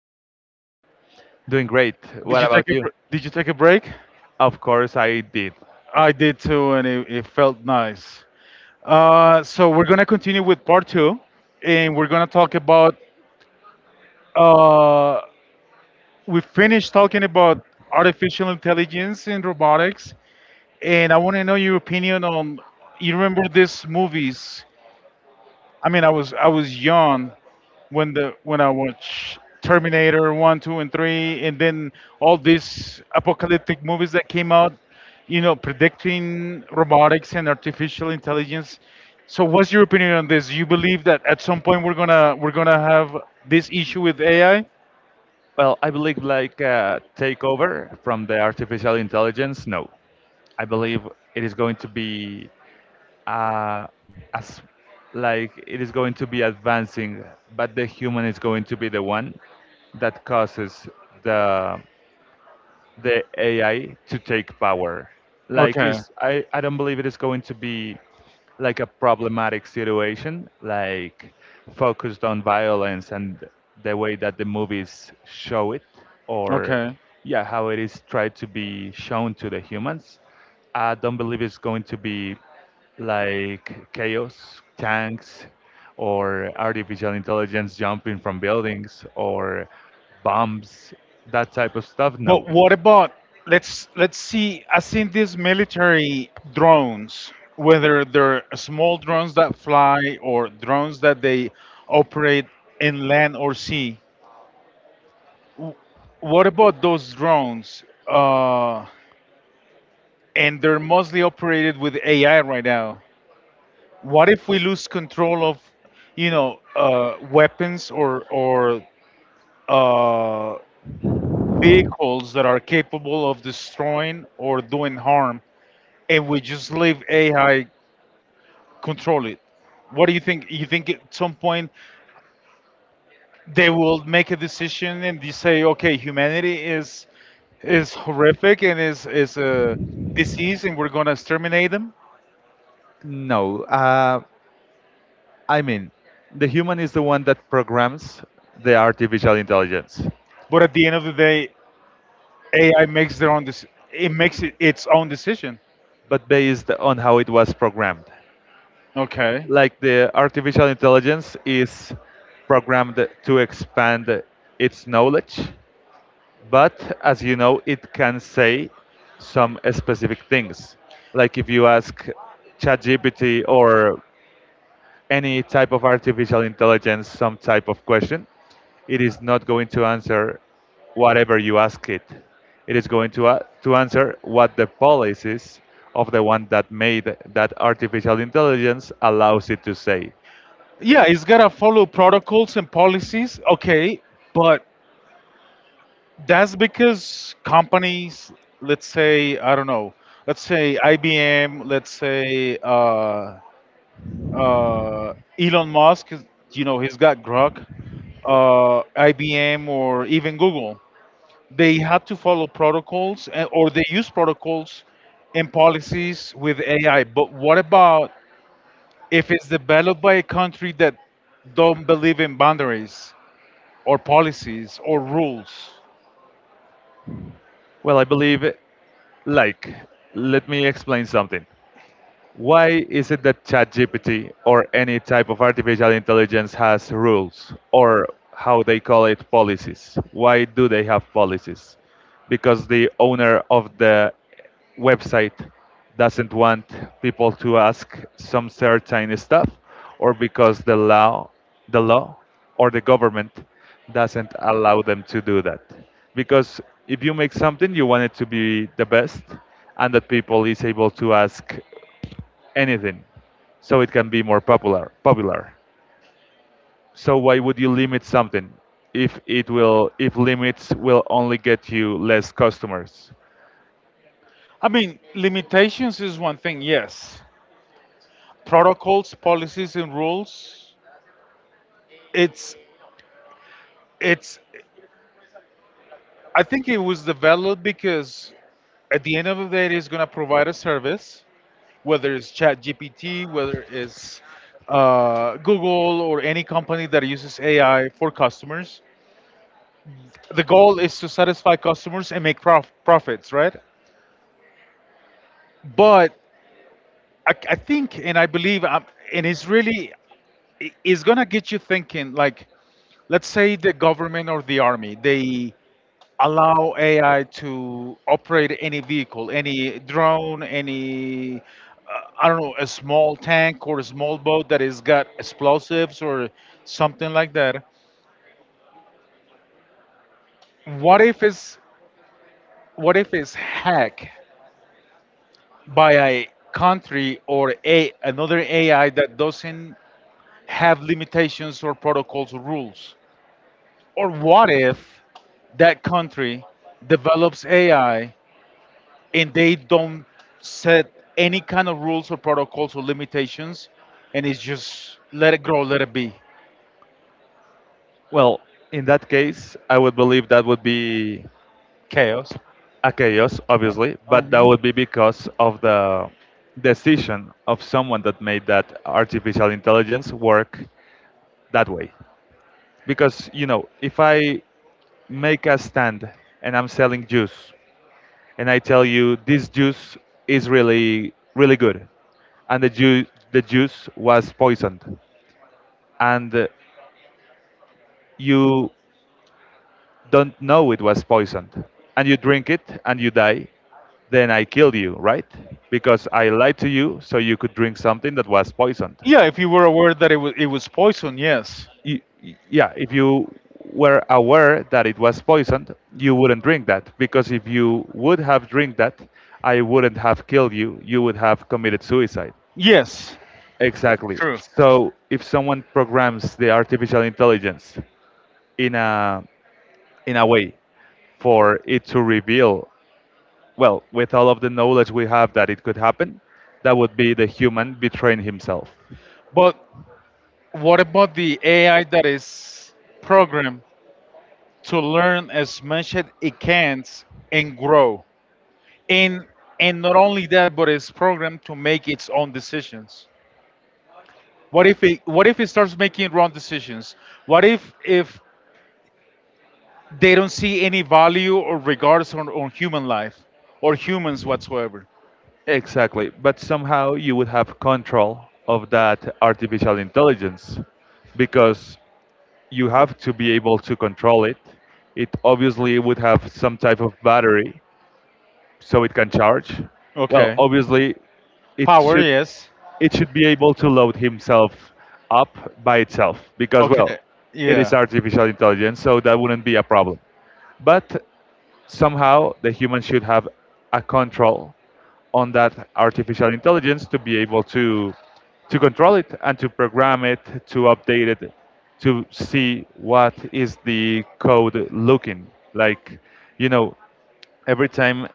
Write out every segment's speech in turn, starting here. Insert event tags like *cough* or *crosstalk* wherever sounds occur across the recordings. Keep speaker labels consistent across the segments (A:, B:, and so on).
A: are you today?
B: Doing great.
A: Did
B: What
A: you take
B: about
A: a
B: you?
A: br- Did you take a break?
B: Of course, I did.
A: I did too, and it felt nice. So we're gonna continue with part two, and we're gonna talk about. Uh, we finished talking about artificial intelligence and robotics, and I want to know your opinion on. You remember these movies? I mean, I was young, when the when I watch Terminator one, two, and three, and then all these apocalyptic movies that came out, you know, predicting robotics and artificial intelligence. So, what's your opinion on this? You believe that at some point we're gonna have this issue with AI?
B: Well, I believe like takeover from the artificial intelligence. No, I believe it is going to be uh, as like it is going to be advancing, but the human is going to be the one that causes the the AI to take power. Like
A: Okay,
B: is I, I don't believe it is going to be like a problematic situation, like focused on violence and the way that the movies show it or
A: okay.
B: yeah, how it is tried to be shown to the humans. I don't believe it's going to be like chaos, tanks, or artificial intelligence jumping from buildings or bombs, that type of stuff. No,
A: But what about let's see. I've seen these military drones, whether they're small drones that fly or drones that they operate in land or sea. What about those drones? And they're mostly operated with AI right now. What if we lose control of, weapons or uh, vehicles that are capable of destroying or doing harm and we just leave AI control it. What do you think? You think at some point they will make a decision and they say, okay, humanity is horrific and is a disease, and we're gonna exterminate them.
B: no, I mean, the human is the one that programs the artificial intelligence,
A: But at the end of the day, AI makes their own it makes it its own decision.
B: but based on how it was programmed.
A: Okay.
B: Like the artificial intelligence is programmed to expand its knowledge, but as you know, it can say some specific things. Like if you ask ChatGPT or any type of artificial intelligence some type of question, it is not going to answer whatever you ask it. It is going to, a to answer what the policies of the one that made that artificial intelligence allows it to say.
A: Yeah, it's gotta follow protocols and policies. Okay, but that's because companies, let's say, I don't know, let's say IBM, let's say uh, Elon Musk, you know, he's got Grok, IBM, or even Google. They had to follow protocols or they use protocols and policies with AI. But what about if it's developed by a country that don't believe in boundaries or policies or rules?
B: Well, I believe, like, let me explain something. Why is it that ChatGPT or any type of artificial intelligence has rules or how they call it policies? Why do they have policies? Because the owner of the website doesn't want people to ask some certain stuff or because the law or the government doesn't allow them to do that because if you make something you want it to be the best and that people is able to ask anything so it can be more popular so why would you limit something if it will if limits will only get you less customers.
A: I mean, limitations is one thing, yes. Protocols, policies, and rules. It's it's. I think it was developed because at the end of the day, it's going to provide a service, whether it's ChatGPT, whether it's Google or any company that uses AI for customers. The goal is to satisfy customers and make profits, right? But I think and I believe, and it's really it's gonna get you thinking like let's say the government or the army they allow ai to operate any vehicle any drone any I don't know a small tank or a small boat that has got explosives or something like that. what if it's what if it's hacked by a country or a another ai that doesn't have limitations or protocols or rules, or what if that country develops ai and they don't set any kind of rules or protocols or limitations, and it's just let it grow, let it be
B: Well, in that case I would believe that would be
A: chaos.
B: a chaos, obviously, but that
A: Hmm.
B: would be because of the decision of someone that made that artificial intelligence work that way, because you know if I make a stand and I'm selling juice and I tell you this juice is really really good, and the juice was poisoned, and you don't know it was poisoned, and you drink it and you die, then I killed you, right? Because I lied to you so you could drink something that was poisoned.
A: Yeah, if you were aware that it was poison, yes,
B: Yeah, if you were aware that it was poisoned, you wouldn't drink that because if you would have drink that, I wouldn't have killed you. You would have committed suicide.
A: yes,
B: Exactly.
A: true.
B: So if someone programs the artificial intelligence in a in a way for it to reveal, well, with all of the knowledge we have that it could happen, that would be the human betraying himself.
A: But what about the AI that is programmed to learn as much as it can and grow? And and not only that, but it's programmed to make its own decisions. What if it starts making wrong decisions? What if they don't see any value or regards on human life or humans whatsoever.
B: Exactly. But somehow you would have control of that artificial intelligence because you have to be able to control it. It obviously would have some type of battery so it can charge. Well,
A: Okay.
B: obviously it
A: Power,
B: should
A: yes.
B: it should be able to load himself up by itself because well
A: Okay.
B: it is
A: Yeah.
B: artificial intelligence so that wouldn't be a problem, but somehow the human should have a control on that artificial intelligence to be able to control it and to program it to update it to see what is the code looking like. You know, every time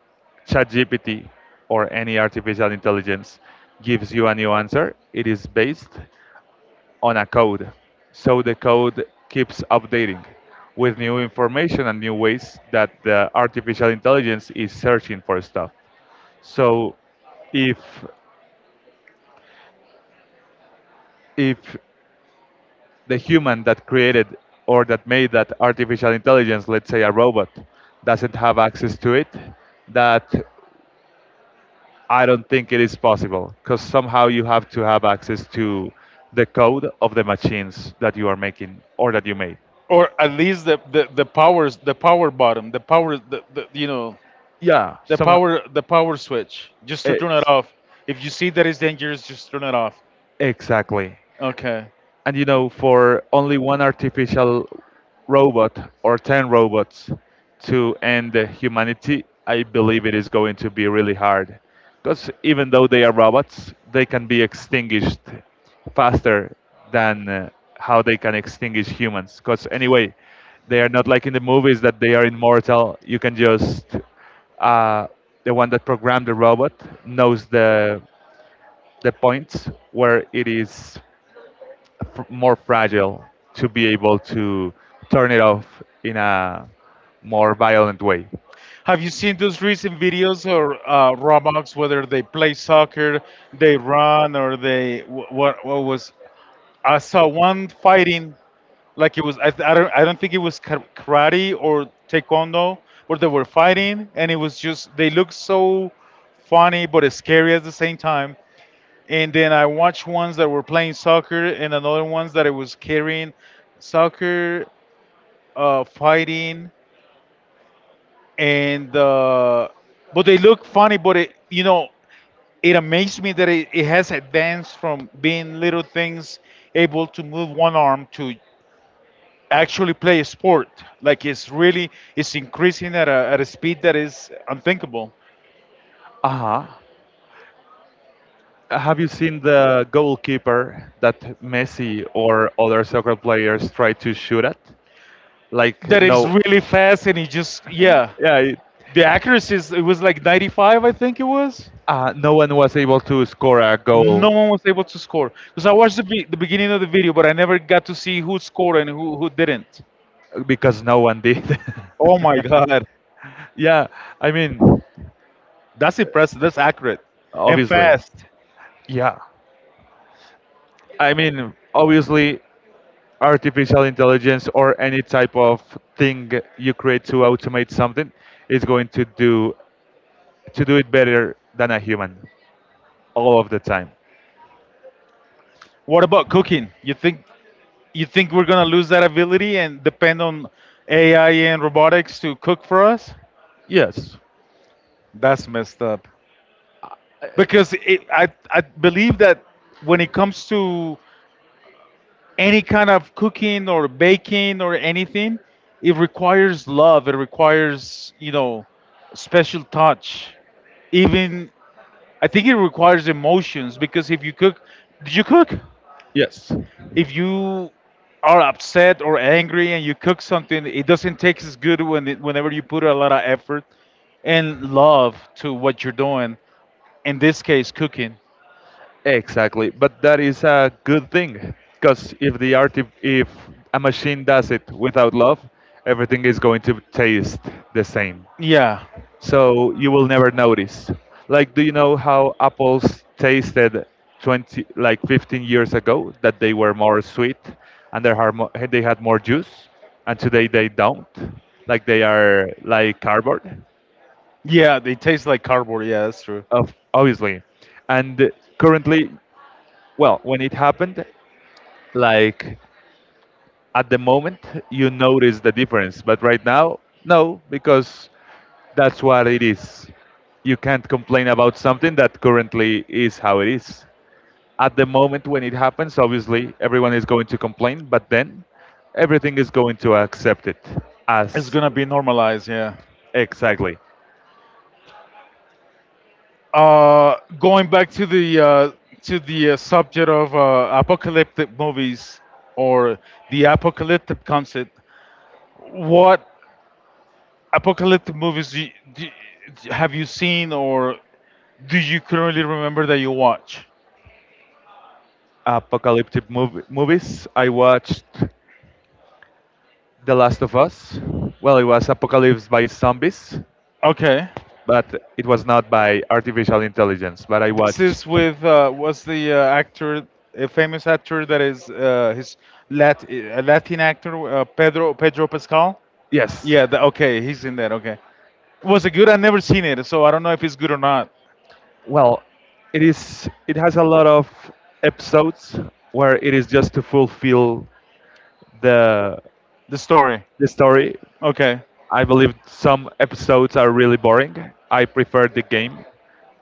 B: ChatGPT or any artificial intelligence gives you a new answer, it is based on a code. So the code keeps updating with new information and new ways that the artificial intelligence is searching for stuff. So if if the human that created or that made that artificial intelligence, let's say a robot, doesn't have access to it, that I don't think it is possible because somehow you have to have access to the code of the machines that you are making or that you made.
A: Or at least the powers the power bottom,
B: Yeah, somehow.
A: the power switch. Just to turn it
B: Ex-
A: off. If you see that it's dangerous, just turn it off.
B: exactly.
A: Okay.
B: And you know for only one artificial robot or 10 robots to end the humanity I believe it is going to be really hard because even though they are robots they can be extinguished faster than how they can extinguish humans because anyway they are not like in the movies that they are immortal. You can just uh, the one that programmed the robot knows the points where it is more fragile to be able to turn it off in a more violent way.
A: Have you seen those recent videos or Roblox, whether they play soccer, they run, or they wh- what? What was? I saw one fighting. Like it was I don't think it was karate or taekwondo where they were fighting and it was just they looked so funny but scary at the same time, and then I watched ones that were playing soccer and another ones that it was carrying soccer, fighting and but they look funny but it you know it amazed me that it has advanced from being little things able to move one arm to actually play a sport. Like it's really it's increasing at a speed that is unthinkable.
B: Uh-huh. Have you seen the goalkeeper that Messi or other soccer players try to shoot at? Like
A: That is
B: no,
A: really fast, and it just yeah.
B: yeah,
A: The accuracy is it was like 95, I think it was.
B: no one was able to score a
A: No
B: goal
A: one was able to score because I watched the beginning of the video, but I never got to see who scored and who didn't.
B: because no one did.
A: Oh
B: *laughs*
A: my god,
B: Yeah, I mean,
A: that's impressive. That's accurate and
B: obviously,
A: fast.
B: yeah, I mean, obviously, artificial intelligence or any type of thing you create to automate something is going to do it better than a human all of the time.
A: What about cooking? You think we're gonna lose that ability and depend on AI and robotics to cook for us?
B: Yes.
A: That's messed up.
B: I-
A: Because it, I believe that when it comes to any kind of cooking or baking or anything, it requires love. It requires you know special touch. Even I think it requires emotions because if you cook, did you cook?
B: yes,
A: If you are upset or angry and you cook something, it doesn't taste as good when it, whenever you put a lot of effort and love to what you're doing. In this case, cooking.
B: exactly, but that is a good thing because if the art if a machine does it without love everything is going to taste the same
A: Yeah.
B: so you will never notice. Like, do you know how apples tasted 20, like 15 years ago? That they were more sweet and they had more juice, and today they don't. Like, they are like cardboard,
A: Yeah, they taste like cardboard. Yeah, that's true.
B: obviously. And currently, well, when it happened, like at the moment, you notice the difference, but right now, no, because that's what it is. You can't complain about something that currently is how it is. At the moment when it happens, obviously everyone is going to complain, but then everything is going to accept it
A: It's
B: as.
A: gonna be normalized. Yeah.
B: Exactly.
A: Going back to the subject of apocalyptic movies or the apocalyptic concept, what apocalyptic movies do, have you seen or do you currently remember that you watch?
B: Apocalyptic movies. I watched The Last of Us. Well, it was Apocalypse by Zombies,
A: Okay.
B: but it was not by artificial intelligence. But I
A: This
B: watched,
A: is with was the actor a famous actor that is a Latin actor, Pedro Pascal.
B: yes.
A: Yeah, the, okay, he's in that. Okay. Was it good? I never seen it, so I don't know if it's good or not.
B: Well, it is. It has a lot of episodes where it is just to fulfill the
A: The story.
B: the story.
A: Okay.
B: I believe some episodes are really boring. I preferred the game.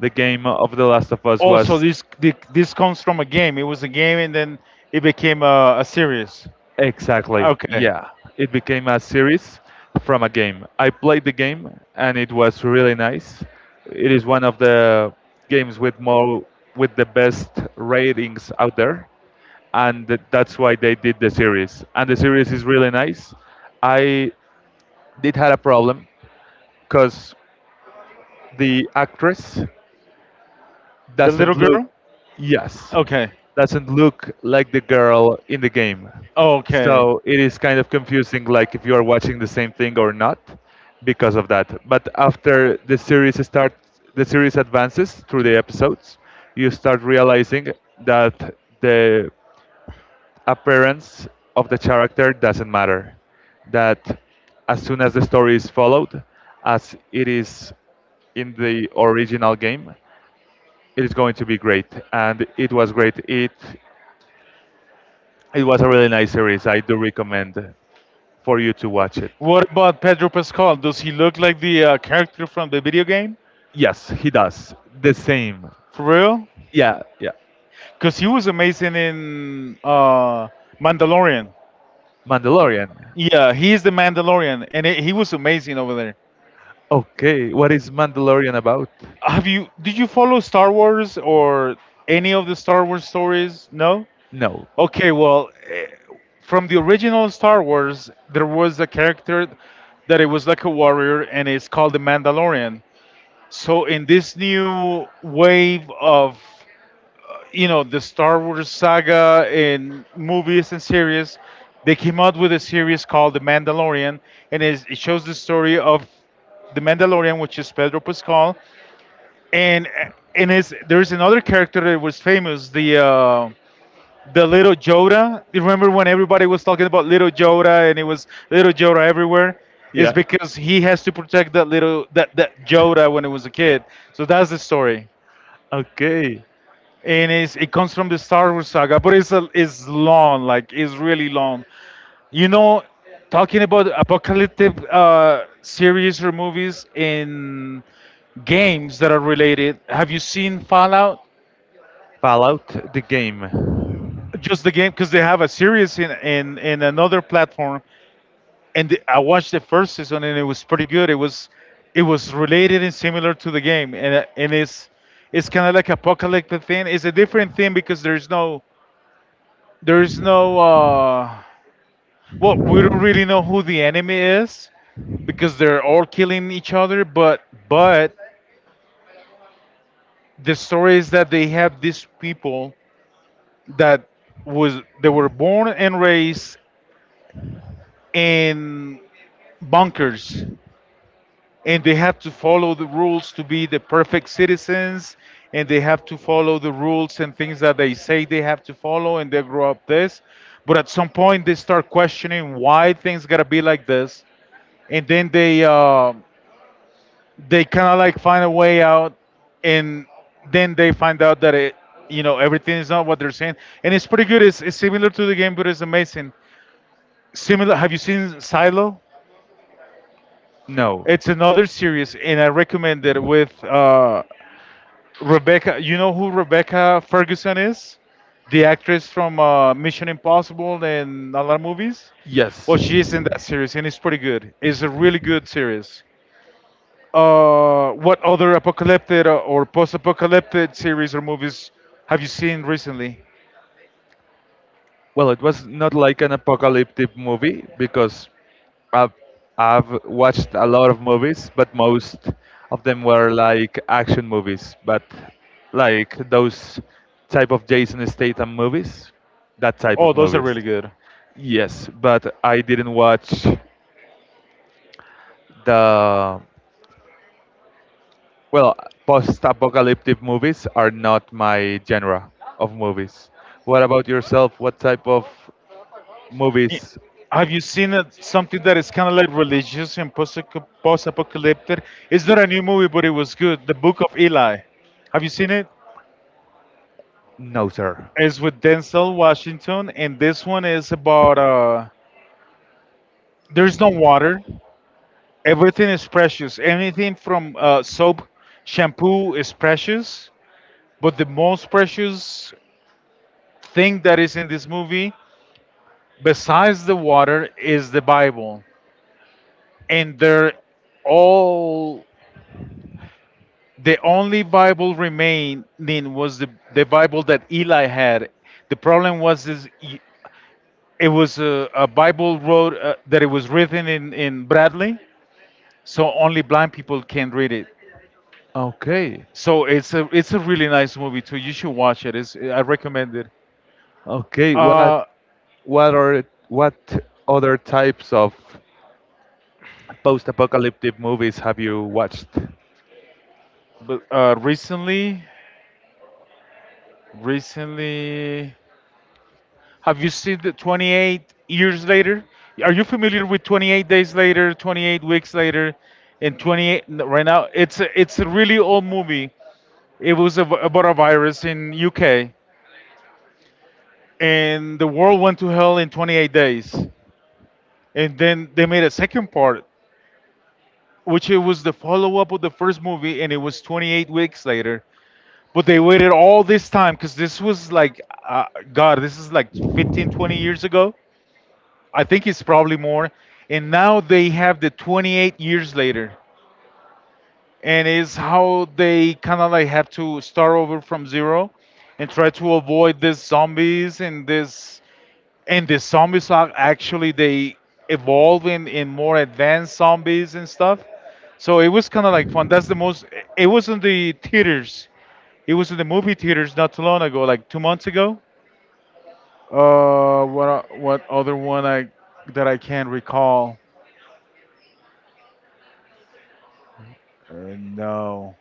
B: The game of The Last of Us
A: Oh, so
B: was.
A: this the, this comes from a game. It was a game, and then it became a series.
B: Exactly.
A: Okay.
B: Yeah. It became a series from a game. I played the game and it was really nice. It is one of the games with the best ratings out there and that's why they did the series. And the series is really nice. I did had a problem because the actress
A: The little
B: doesn't look.
A: girl.
B: Yes,
A: Okay.
B: doesn't look like the girl in the game
A: Okay.
B: so it is kind of confusing like if you are watching the same thing or not because of that, but after the series starts the series advances through the episodes you start realizing that the appearance of the character doesn't matter, that as soon as the story is followed as it is in the original game it is going to be great. And it was great. It was a really nice series. I do recommend for you to watch it.
A: What about Pedro Pascal? Does he look like the character from the video game?
B: Yes, he does, the same.
A: For real?
B: Yeah, yeah.
A: Because he was amazing in Mandalorian.
B: Mandalorian.
A: Yeah, he is the Mandalorian, and it, he was amazing over there.
B: Okay, what is Mandalorian about?
A: Have you Did you follow Star Wars or any of the Star Wars stories? No?
B: No.
A: Okay, well, from the original Star Wars, there was a character that it was like a warrior and it's called the Mandalorian. So in this new wave of you know the Star Wars saga in movies and series, they came out with a series called The Mandalorian, and it shows the story of the Mandalorian, which is Pedro Pascal, and and it's there's another character that was famous the little Joda. You remember when everybody was talking about little Joda and it was little Joda everywhere? It's
B: Yeah.
A: because he has to protect that little that that Joda when it was a kid. So that's the story,
B: Okay.
A: and it's, it comes from the Star Wars saga, but it's a, it's long, like it's really long. You know, talking about apocalyptic series or movies in games that are related. Have you seen Fallout?
B: Fallout the game.
A: Just the game because they have a series in, in another platform, and I watched the first season and it was pretty good. It was it was related and similar to the game, and it's kind of like apocalyptic thing. It's a different thing because there's no well we don't really know who the enemy is because they're all killing each other, but the story is that they have these people that was they were born and raised in bunkers, and they have to follow the rules to be the perfect citizens, and they have to follow the rules and things that they say they have to follow, and they grow up this. But at some point they start questioning why things gotta be like this, and then they kind of like find a way out, and then they find out that it you know everything is not what they're saying, and it's pretty good. It's similar to the game but it's amazing similar. Have you seen Silo?
B: No.
A: It's another series and I recommend it with Rebecca. You know who Rebecca Ferguson is? The actress from Mission Impossible and a lot of movies.
B: Yes,
A: Well,
B: she's.
A: she's in that series, and it's pretty good. It's a really good series. What other apocalyptic or post-apocalyptic series or movies have you seen recently?
B: Well, it was not like an apocalyptic movie because I've, I've watched a lot of movies, but most of them were like action movies, but like those type of Jason Statham movies, that type
A: Oh,
B: of
A: those are
B: movies.
A: really good.
B: Yes, but I didn't watch the, well, post-apocalyptic movies are not my genre of movies. What about yourself? What type of
A: Y-
B: movies?
A: Have you seen it, something that is kind of like religious and post-apocalyptic? It's not a new movie, but it was good. The Book of Eli. Have you seen it?
B: No, sir.
A: It's with Denzel Washington, and this one is about there's no water. Everything is precious. Anything from soap, shampoo is precious. But the most precious thing that is in this movie, besides the water, is the Bible. And they're all the only Bible remaining was the Bible that Eli had. The problem was is it was a Bible wrote that it was written in Bradley, so only blind people can read it.
B: Okay.
A: So it's a really nice movie too. You should watch it. I recommend it.
B: Okay,
A: Uh,
B: what are what other types of post-apocalyptic movies have you watched?
A: but recently, have you seen the 28 years later? Are you familiar with 28 days later, 28 weeks later, and right now? It's it's a really old movie. It was about a virus in UK, and the world went to hell in 28 days. And then they made a second part which it was the follow up of the first movie, and it was 28 weeks later. But they waited all this time because this was like, uh, God, this is like 15, 20 years ago. I think it's probably more. And now they have the 28 years later. And it's how they kind of like have to start over from zero and try to avoid these zombies and this and the zombies are actually they evolving in more advanced zombies and stuff. So it was kind of like fun. That's the most. It was in the theaters. It was in the movie theaters not too long ago, like 2 months ago. What other one I that I can't recall? No.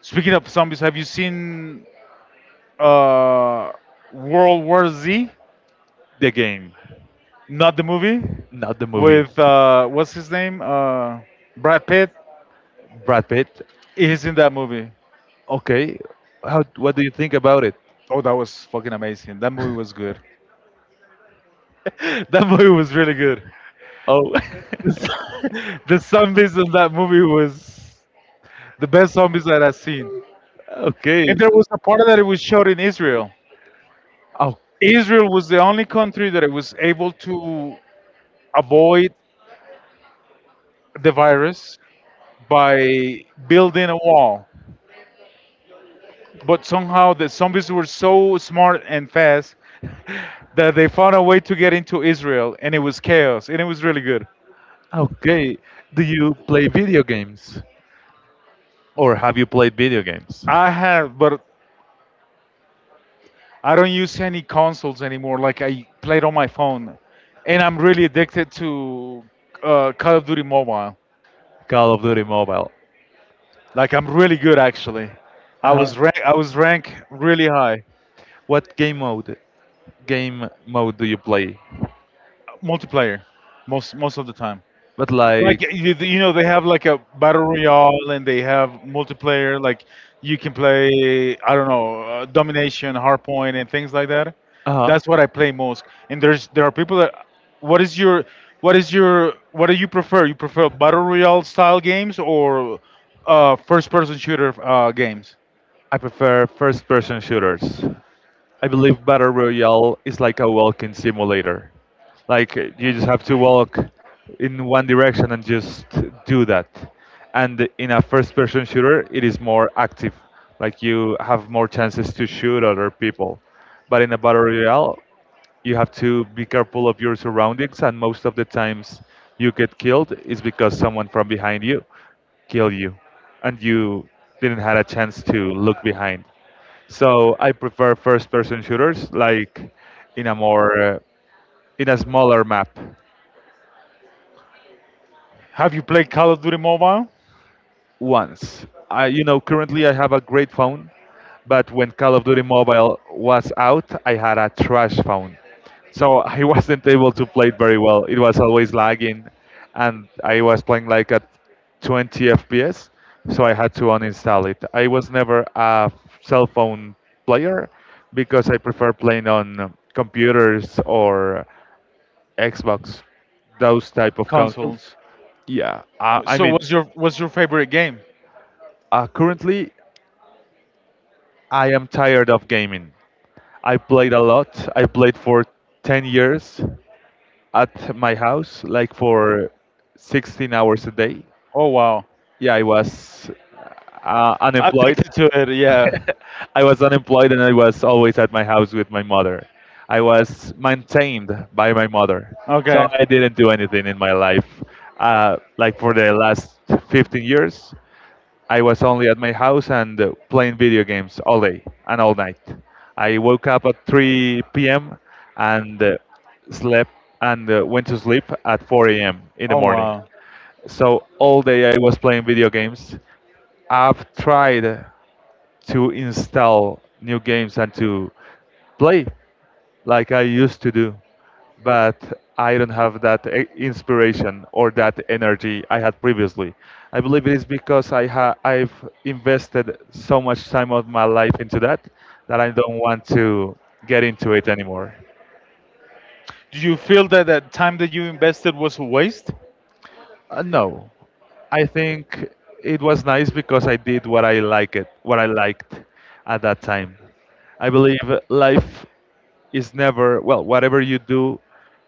A: Speaking of zombies, have you seen uh World War Z?
B: The game,
A: Not the movie
B: not the movie.
A: with what's his name? Brad Pitt.
B: Brad Pitt.
A: He's in that movie.
B: Okay, how what do you think about it?
A: Oh, that was fucking amazing. That movie was good. *laughs* That movie was really good.
B: Oh.
A: *laughs* The zombies in that movie was the best zombies that I've seen.
B: *laughs* Okay.
A: And there was a part that it was shot in Israel.
B: Oh,
A: Israel was the only country that it was able to avoid the virus by building a wall. But somehow the zombies were so smart and fast *laughs* that they found a way to get into Israel, and it was chaos, and it was really good.
B: okay. Do you play video games or have you played video games?
A: I have, but I don't use any consoles anymore. Like I played on my phone, and I'm really addicted to Call of Duty Mobile.
B: Call of Duty Mobile.
A: Like I'm really good actually.
B: Uh,
A: I was ranked really high.
B: what game mode? Game mode do you play?
A: Multiplayer most of the time.
B: But like.
A: Like you know, they have like a battle royale and they have multiplayer. Like you can play, I don't know, domination, hardpoint, and things like that.
B: Uh-huh.
A: That's what I play most. And there are people that. What is your what do you prefer? You prefer battle royale style games or first person shooter games?
B: I prefer first person shooters. I believe Battle Royale is like a walking simulator. Like you just have to walk in one direction and just do that. And in a first person shooter, it is more active. Like you have more chances to shoot other people. But in a Battle Royale, you have to be careful of your surroundings and most of the times you get killed is because someone from behind you killed you and you didn't had a chance to look behind, so I prefer first person shooters, like in a more in a smaller map.
A: Have you played Call of Duty Mobile
B: Once. I, you know, currently I have a great phone, but when Call of Duty Mobile was out, I had a trash phone. So I *laughs* wasn't able to play it very well. It was always lagging, and I was playing like at 20 FPS, so I had to uninstall it. I was never a cell phone player because I prefer playing on computers or Xbox, those type of
A: consoles?
B: consoles. Yeah, I
A: So
B: mean,
A: what's your favorite game?
B: currently I am tired of gaming. I played a lot. I played for 10 years at my house, like for 16 hours a day.
A: Oh wow,
B: Yeah, I was unemployed.
A: addicted to it. Yeah.
B: *laughs* I was unemployed and I was always at my house with my mother. I was maintained by my mother. So
A: Okay.
B: I didn't do anything in my life. Like for the last 15 years, I was only at my house and playing video games all day and all night. I woke up at 3 p.m. and uh, slept and went to sleep at 4 a.m. in the
A: Oh
B: morning.
A: wow.
B: So all day I was playing video games. I've tried to install new games and to play like I used to do, but I don't have that inspiration or that energy I had previously. I believe it is because I've invested so much time of my life into that that I don't want to get into it anymore.
A: Do you feel that that time that you invested was a waste?
B: No, I think it was nice because I did what I like it, what I liked at that time. I believe life is never well. Whatever you do,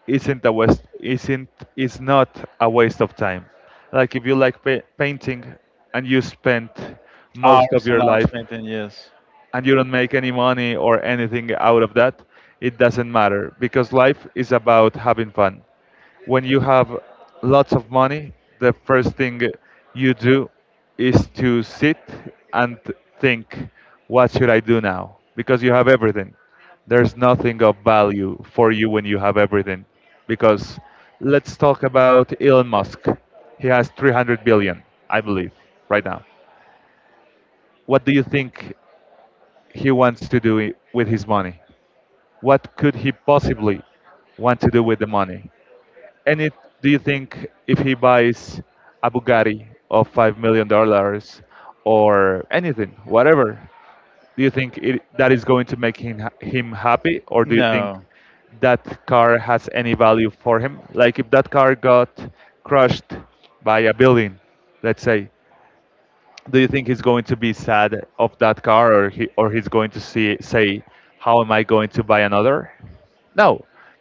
B: isn't a waste. Isn't is not a waste of time. Like if you like painting and you spend most of
A: Hours and
B: your
A: hours
B: life
A: painting, yes.
B: and you don't make any money or anything out of that, it doesn't matter because life is about having fun. When you have lots of money, the first thing you do is to sit and think, what should I do now? Because you have everything. There's nothing of value for you when you have everything. Because let's talk about Elon Musk. He has 300 billion, I believe, right now. What do you think he wants to do it with his money? What could he possibly want to do with the money? And it, do you think if he buys a Bugatti of $5 million or anything, whatever, do you think it, that is going to make him him happy, or do you think
A: No,
B: that car has any value for him? Like if that car got crushed by a building, let's say, do you think he's going to be sad of that car, or he's going to see say, how am I going to buy another? No,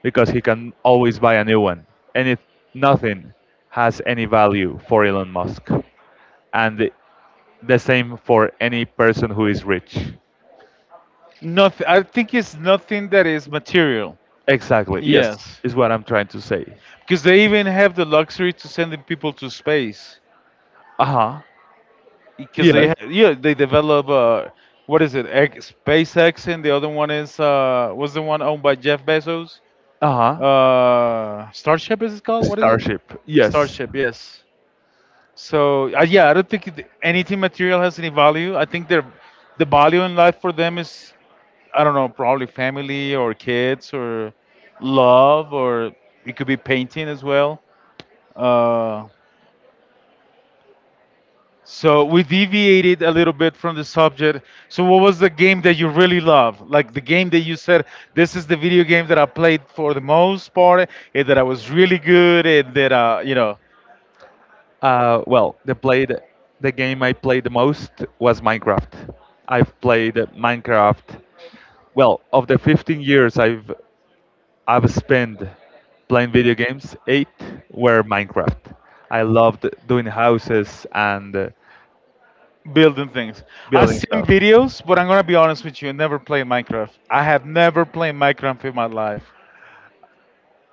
B: because he can always buy a new one. And it, nothing has any value for Elon Musk. And the same for any person who is rich.
A: nothing. I think it's nothing that is material.
B: Exactly, yes,
A: Yes,
B: is what I'm trying to say.
A: because they even have the luxury to sending people to space.
B: Uh-huh.
A: Because
B: Yes.
A: yeah, they develop what is it? SpaceX, and the other one is was the one owned by Jeff Bezos.
B: Uh-huh.
A: Starship is it called? What is it?
B: Starship, yes.
A: Starship, yes. So yeah, I don't think anything material has any value. I think the value in life for them is I don't know, probably family or kids or love or it could be painting as well. Uh, so we deviated a little bit from the subject. So what was the game that you really love? Like the game that you said this is the video game that I played for the most part, and that I was really good, and that you know.
B: Well, the game I played the most was Minecraft. I've played Minecraft. Well, of the 15 years I've spent playing video games, eight were Minecraft. I loved doing houses and
A: Building things. I've
B: building
A: seen
B: stuff.
A: videos, but I'm gonna be honest with you. I never played Minecraft. I have never played Minecraft in my life.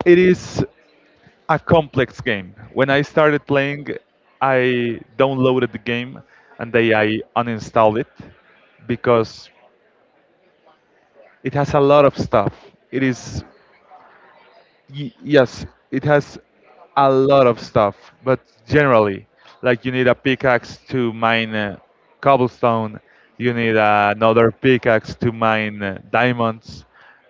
B: It is a complex game. When I started playing, I downloaded the game and then I uninstalled it because it has a lot of stuff. It is yes, it has a lot of stuff, but generally, like you need a pickaxe to mine cobblestone, you need another pickaxe to mine diamonds,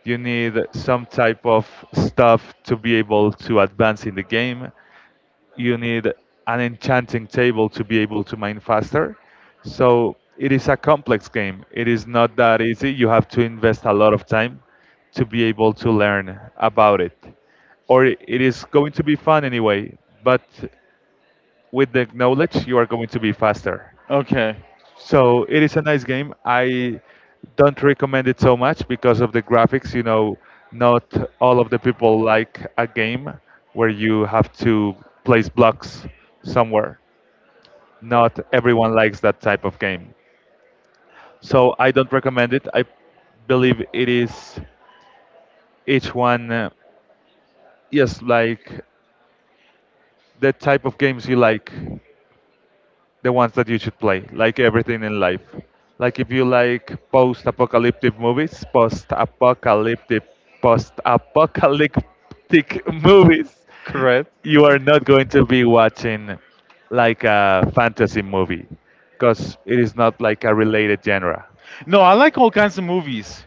B: you need some type of stuff to be able to advance in the game, you need an enchanting table to be able to mine faster. So it is a complex game. It is not that easy. You have to invest a lot of time to be able to learn about it. Or it is going to be fun anyway, but with the knowledge, you are going to be faster.
A: Okay,
B: So it is a nice game. I don't recommend it so much because of the graphics. You know, not all of the people like a game where you have to place blocks somewhere. Not everyone likes that type of game. So I don't recommend it. I believe it is each one, yes, like the type of games you like, the ones that you should play, like everything in life. Like if you like post-apocalyptic movies, post-apocalyptic *laughs* movies,
A: correct.
B: you are not going to be watching like a fantasy movie because it is not like a related genre.
A: No, I like all kinds of movies.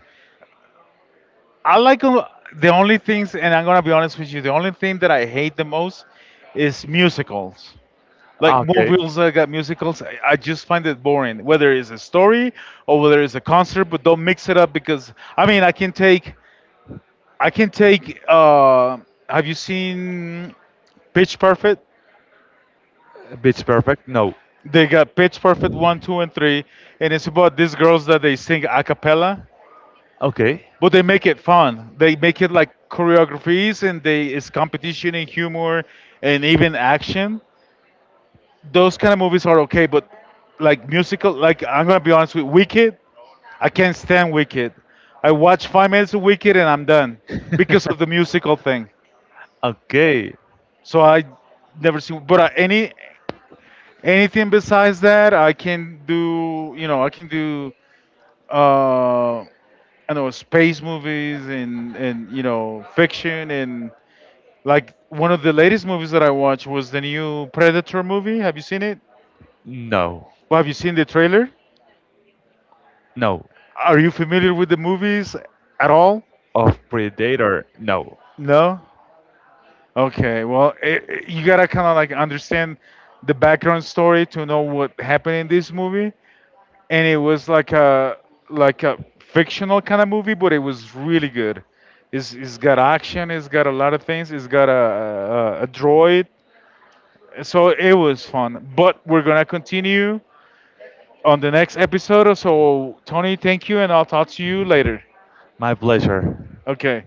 A: I like all, the only things, and I'm gonna be honest with you. The only thing that I hate the most is musicals. Like
B: Okay.
A: movies that got musicals, I just find it boring. Whether it's a story or whether it's a concert, but don't mix it up because I mean I can take. Have you seen Pitch Perfect?
B: Beach Perfect? No.
A: They got Pitch Perfect 1, 2, and 3. And it's about these girls that they sing a cappella,
B: Okay.
A: but they make it
B: *laughs*
A: fun. They make it like choreographies and they it's competition and humor and even action. Those kind of movies are okay, but like musical, like I'm going to be honest with Wicked, I can't stand Wicked. I watch 5 minutes of Wicked and I'm done because of the musical thing.
B: Okay.
A: So I never see. But anything besides that, I can do. You know, I can do. Uh, I know space movies and you know fiction and like one of the latest movies that I watched was the new Predator movie. Have you seen it?
B: No.
A: Well, have you seen the trailer?
B: No.
A: Are you familiar with the movies at all?
B: Of Predator. No.
A: No. Okay. Well, you gotta kind of like understand the background story to know what happened in this movie. And it was like a fictional kind of movie, but it was really good. It's got action. It's got a lot of things. It's got a droid. So it was fun. But we're going to continue on the next episode. So, Tony, thank you, and I'll talk to you later.
B: My pleasure.
A: Okay.